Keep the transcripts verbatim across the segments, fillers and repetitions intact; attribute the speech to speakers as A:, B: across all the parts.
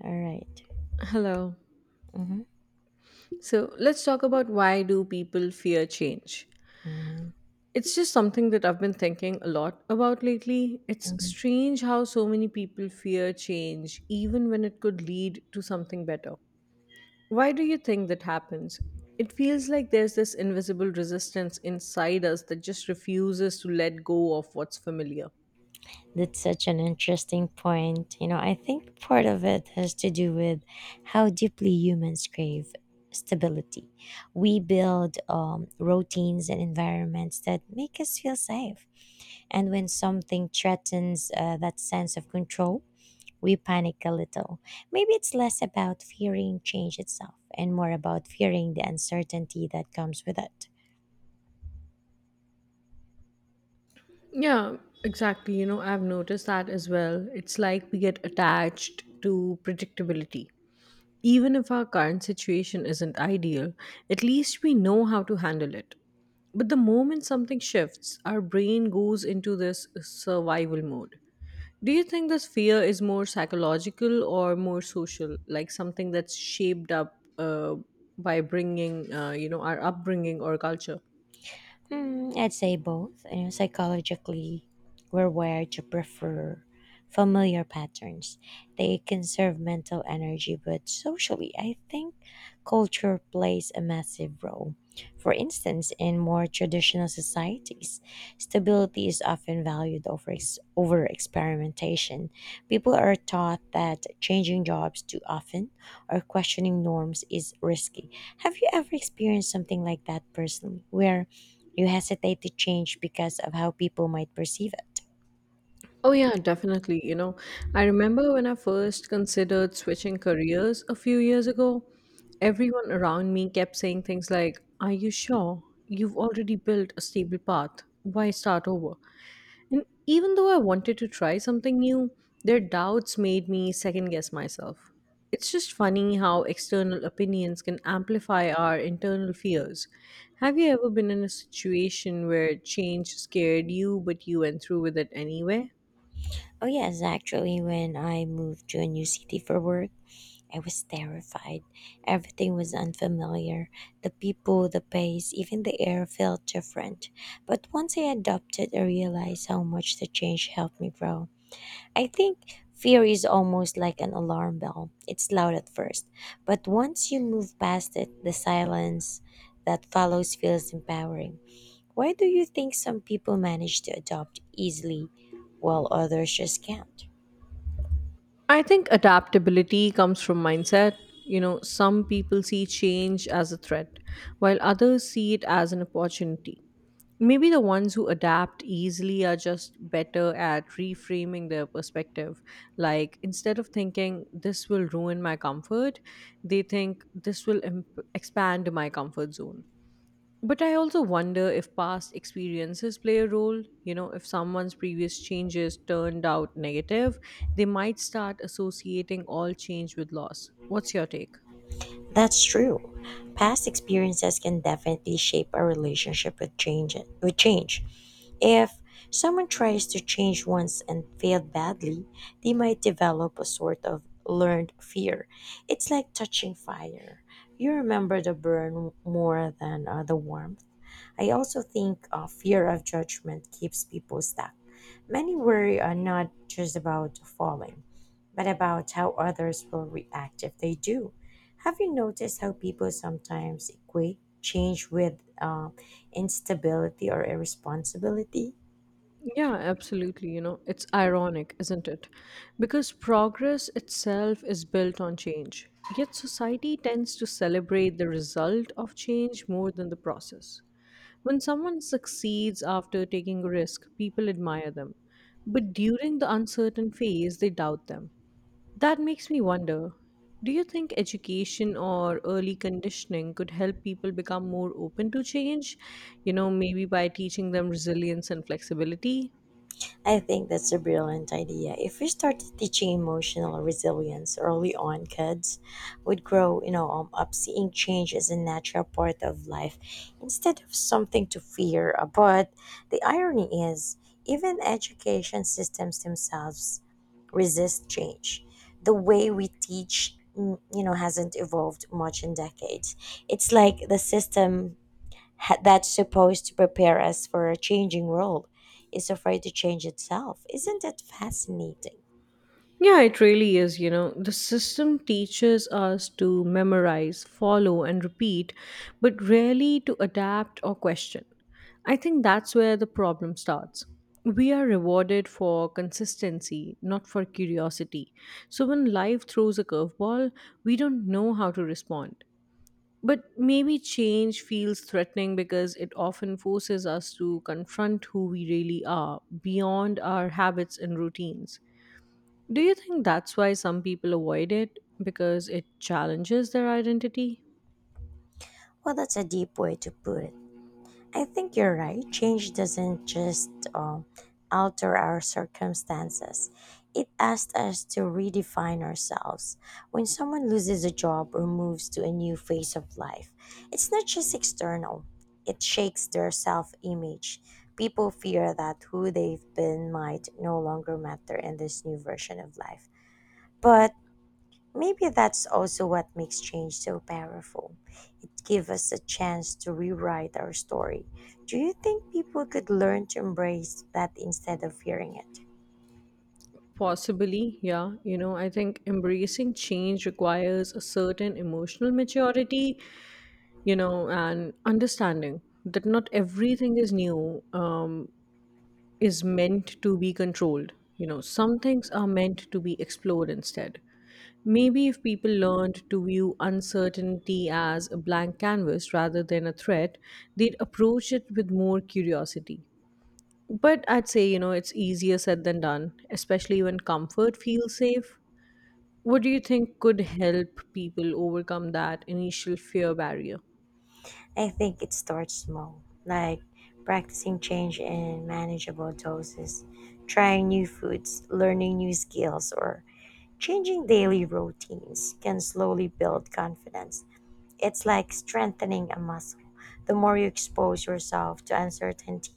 A: All right.
B: Hello.
A: Mhm,
B: So let's talk about why do people fear change?
A: mhm,
B: It's just something that I've been thinking a lot about lately. It's
A: mhm.
B: strange how so many people fear change even when it could lead to something better. Why do you think that happens? It feels like there's this invisible resistance inside us that just refuses to let go of what's familiar.
A: That's such an interesting point. You know, I think part of it has to do with how deeply humans crave stability. We build um, routines and environments that make us feel safe. And when something threatens uh, that sense of control, we panic a little. Maybe it's less about fearing change itself and more about fearing the uncertainty that comes with it.
B: Yeah, exactly. You know, I've noticed that as well. It's like we get attached to predictability. Even if our current situation isn't ideal, at least we know how to handle it. But the moment something shifts, our brain goes into this survival mode. Do you think this fear is more psychological or more social, like something that's shaped up uh, by bringing, uh, you know, our upbringing or culture?
A: Hmm, I'd say both. You know, psychologically, we're wired to prefer familiar patterns. They conserve mental energy, but socially, I think culture plays a massive role. For instance, in more traditional societies, stability is often valued over ex- over experimentation. People are taught that changing jobs too often or questioning norms is risky. Have you ever experienced something like that personally, where you hesitate to change because of how people might perceive it?
B: Oh, yeah, definitely. You know, I remember when I first considered switching careers a few years ago, everyone around me kept saying things like, "Are you sure? You've already built a stable path. Why start over?" And even though I wanted to try something new, their doubts made me second guess myself. It's just funny how external opinions can amplify our internal fears. Have you ever been in a situation where change scared you, but you went through with it anyway?
A: Oh, yes, actually, when I moved to a new city for work, I was terrified. Everything was unfamiliar. The people, the pace, even the air felt different. But once I adopted, I realized how much the change helped me grow. I think fear is almost like an alarm bell. It's loud at first, but once you move past it, the silence that follows feels empowering. Why do you think some people manage to adopt easily while others just can't?
B: I think adaptability comes from mindset. You know, some people see change as a threat, while others see it as an opportunity. Maybe the ones who adapt easily are just better at reframing their perspective. Like, instead of thinking, this will ruin my comfort, they think this will imp- expand my comfort zone. But I also wonder if past experiences play a role. You know, if someone's previous changes turned out negative, they might start associating all change with loss. What's your take?
A: That's true. Past experiences can definitely shape our relationship with change. With change, if someone tries to change once and failed badly, they might develop a sort of learned fear. It's like touching fire. You remember the burn more than uh, the warmth. I also think uh, fear of judgment keeps people stuck. Many worry are not just about falling, but about how others will react if they do. Have you noticed how people sometimes equate change with uh, instability or irresponsibility?
B: Yeah, absolutely. You know, it's ironic, isn't it? Because progress itself is built on change. Yet society tends to celebrate the result of change more than the process. When someone succeeds after taking a risk, people admire them. But during the uncertain phase, they doubt them. That makes me wonder, do you think education or early conditioning could help people become more open to change? You know, maybe by teaching them resilience and flexibility?
A: I think that's a brilliant idea. If we started teaching emotional resilience early on, kids would grow, you know, um, up seeing change as a natural part of life instead of something to fear. Uh, But the irony is, even education systems themselves resist change. The way we teach, mm, you know, hasn't evolved much in decades. It's like the system ha- that's supposed to prepare us for a changing world is afraid to change itself. Isn't that fascinating?
B: Yeah, it really is. You know, the system teaches us to memorize, follow, and repeat, but rarely to adapt or question. I think that's where the problem starts. We are rewarded for consistency, not for curiosity. So when life throws a curveball, we don't know how to respond. But maybe change feels threatening because it often forces us to confront who we really are beyond our habits and routines. Do you think that's why some people avoid it? Because it challenges their identity?
A: Well, that's a deep way to put it. I think you're right. Change doesn't just um, alter our circumstances, it asks us to redefine ourselves. When someone loses a job or moves to a new phase of life, it's not just external, it shakes their self image. People fear that who they've been might no longer matter in this new version of life. But maybe that's also what makes change so powerful. It gives us a chance to rewrite our story. Do you think people could learn to embrace that instead of fearing it?
B: Possibly, yeah. You know, I think embracing change requires a certain emotional maturity, you know, and understanding that not everything is new, um, is meant to be controlled. You know, some things are meant to be explored instead. Maybe if people learned to view uncertainty as a blank canvas rather than a threat, they'd approach it with more curiosity. But I'd say, you know, it's easier said than done, especially when comfort feels safe. What do you think could help people overcome that initial fear barrier?
A: I think it starts small, like practicing change in manageable doses, trying new foods, learning new skills, or changing daily routines can slowly build confidence. It's like strengthening a muscle. The more you expose yourself to uncertainty,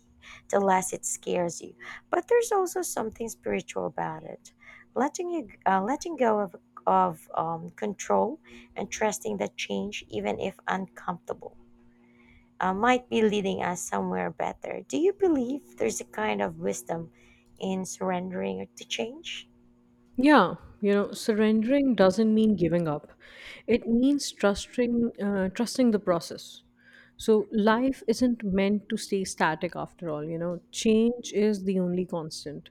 A: the less it scares you. But there's also something spiritual about it. Letting you uh, letting go of of um, control and trusting that change, even if uncomfortable, uh, might be leading us somewhere better. Do you believe there's a kind of wisdom in surrendering to change?
B: Yeah, you know, surrendering doesn't mean giving up. It means trusting, uh, trusting the process. So life isn't meant to stay static after all, you know. Change is the only constant.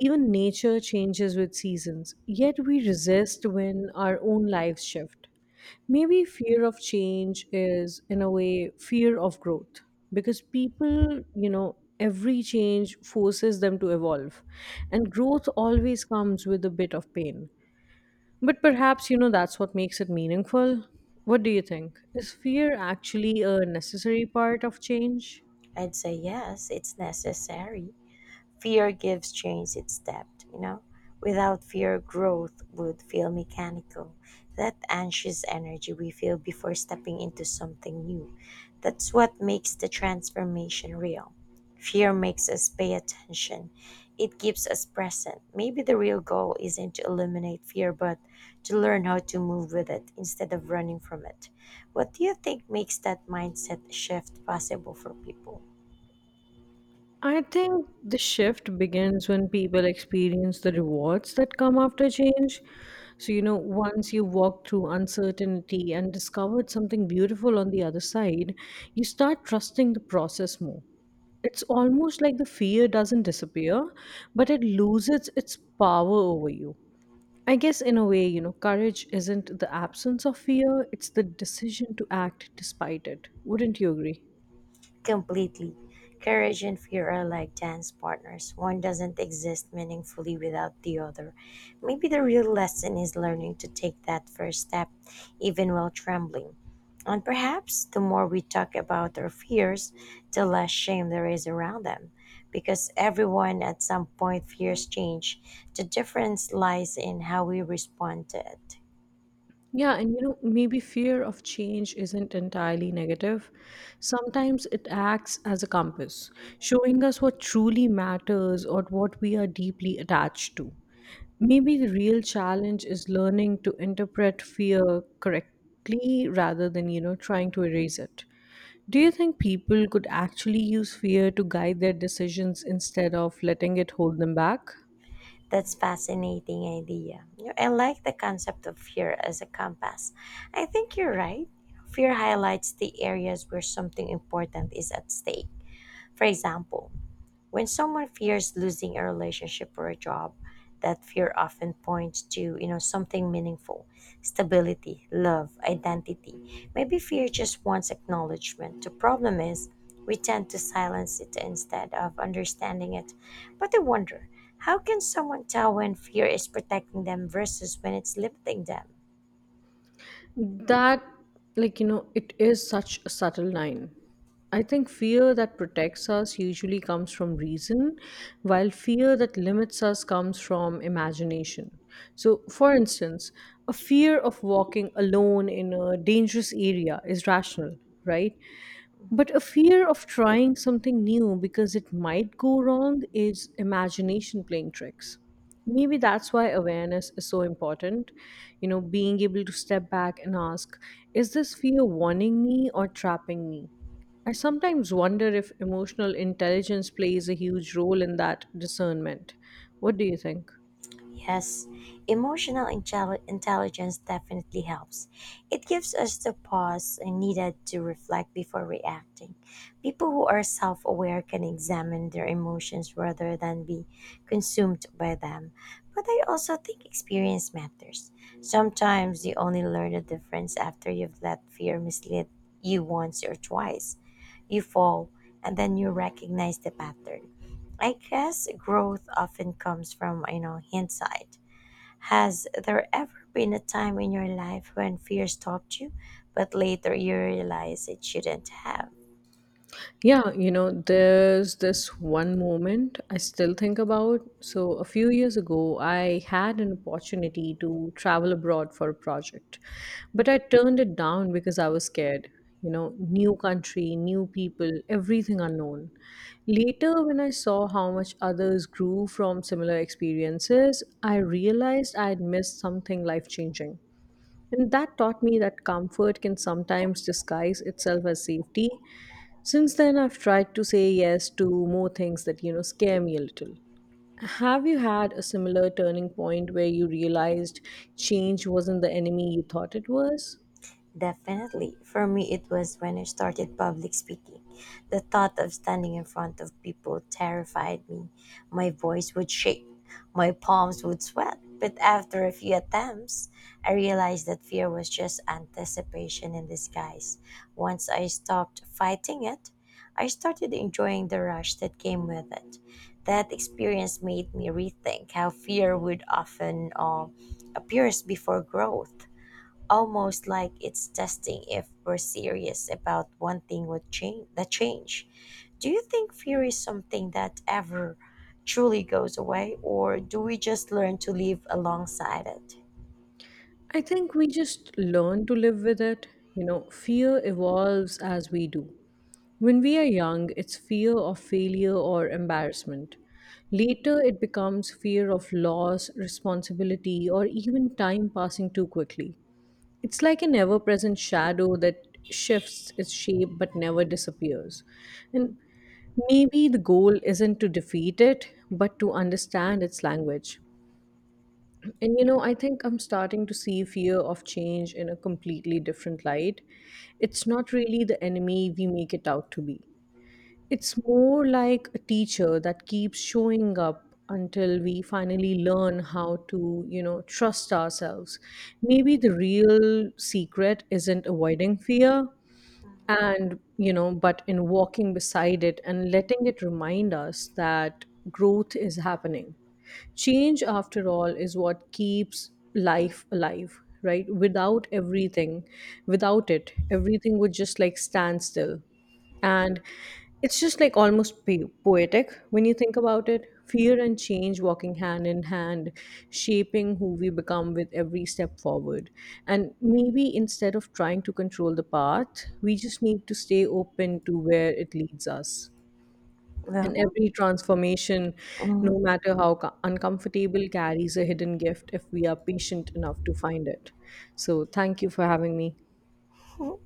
B: Even nature changes with seasons, yet we resist when our own lives shift. Maybe fear of change is, in a way, fear of growth because people, you know, every change forces them to evolve, and growth always comes with a bit of pain. But perhaps, you know, that's what makes it meaningful. What do you think? Is fear actually a necessary part of change?
A: I'd say yes, it's necessary. Fear gives change its depth, you know? Without fear, growth would feel mechanical. That anxious energy we feel before stepping into something new. That's what makes the transformation real. Fear makes us pay attention. It keeps us present. Maybe the real goal isn't to eliminate fear, but to learn how to move with it instead of running from it. What do you think makes that mindset shift possible for people?
B: I think the shift begins when people experience the rewards that come after change. So, you know, once you walk through uncertainty and discovered something beautiful on the other side, you start trusting the process more. It's almost like the fear doesn't disappear, but it loses its power over you. I guess, in a way, you know, courage isn't the absence of fear, it's the decision to act despite it. Wouldn't you agree?
A: Completely. Courage and fear are like dance partners. One doesn't exist meaningfully without the other. Maybe the real lesson is learning to take that first step, even while trembling. And perhaps the more we talk about our fears, the less shame there is around them. Because everyone at some point fears change, the difference lies in how we respond to it.
B: Yeah, and you know, maybe fear of change isn't entirely negative. Sometimes it acts as a compass, showing us what truly matters or what we are deeply attached to. Maybe the real challenge is learning to interpret fear correctly rather than, you know, trying to erase it. Do you think people could actually use fear to guide their decisions instead of letting it hold them back?
A: That's fascinating idea. You know, I like the concept of fear as a compass. I think you're right. Fear highlights the areas where something important is at stake. For example, when someone fears losing a relationship or a job, that fear often points to, you know, something meaningful, stability, love, identity. Maybe fear just wants acknowledgement. The problem is we tend to silence it instead of understanding it. But I wonder, how can someone tell when fear is protecting them versus when it's limiting them?
B: That, like, you know, it is such a subtle line. I think fear that protects us usually comes from reason, while fear that limits us comes from imagination. So, for instance, a fear of walking alone in a dangerous area is rational, right? But a fear of trying something new because it might go wrong is imagination playing tricks. Maybe that's why awareness is so important. You know, being able to step back and ask, is this fear warning me or trapping me? I sometimes wonder if emotional intelligence plays a huge role in that discernment. What do you think?
A: Yes, emotional intelli- intelligence definitely helps. It gives us the pause needed to reflect before reacting. People who are self aware can examine their emotions rather than be consumed by them. But I also think experience matters. Sometimes you only learn the difference after you've let fear mislead you once or twice. You fall, and then you recognize the pattern. I guess growth often comes from, you know, hindsight. Has there ever been a time in your life when fear stopped you, but later you realize it shouldn't have?
B: Yeah, you know, there's this one moment I still think about. So, a few years ago, I had an opportunity to travel abroad for a project, but I turned it down because I was scared. You know, new country, new people, everything unknown. Later, when I saw how much others grew from similar experiences, I realized I had missed something life changing. And that taught me that comfort can sometimes disguise itself as safety. Since then, I've tried to say yes to more things that, you know, scare me a little. Have you had a similar turning point where you realized change wasn't the enemy you thought it was?
A: Definitely. For me, it was when I started public speaking. The thought of standing in front of people terrified me. My voice would shake, my palms would sweat. But after a few attempts, I realized that fear was just anticipation in disguise. Once I stopped fighting it, I started enjoying the rush that came with it. That experience made me rethink how fear would often uh, appears before growth almost like it's testing if we're serious about wanting what change the change. Do you think fear is something that ever truly goes away or do we just learn to live alongside it?
B: I think we just learn to live with it. You know, fear evolves as we do. When we are young, it's fear of failure or embarrassment. Later, it becomes fear of loss, responsibility, or even time passing too quickly. It's like an ever present shadow that shifts its shape but never disappears. And maybe the goal isn't to defeat it, but to understand its language. And you know, I think I'm starting to see fear of change in a completely different light. It's not really the enemy we make it out to be. It's more like a teacher that keeps showing up until we finally learn how to, you know, trust ourselves. Maybe the real secret isn't avoiding fear and, you know, but in walking beside it and letting it remind us that growth is happening. Change, after all, is what keeps life alive, right? Without everything, without it, everything would just like stand still. And it's just like almost po- poetic when you think about it. Fear and change walking hand in hand, shaping who we become with every step forward. And maybe instead of trying to control the path, we just need to stay open to where it leads us. And
A: Well,
B: every transformation,
A: mhm.
B: no matter how co- uncomfortable, carries a hidden gift if we are patient enough to find it. So, thank you for having me.
A: all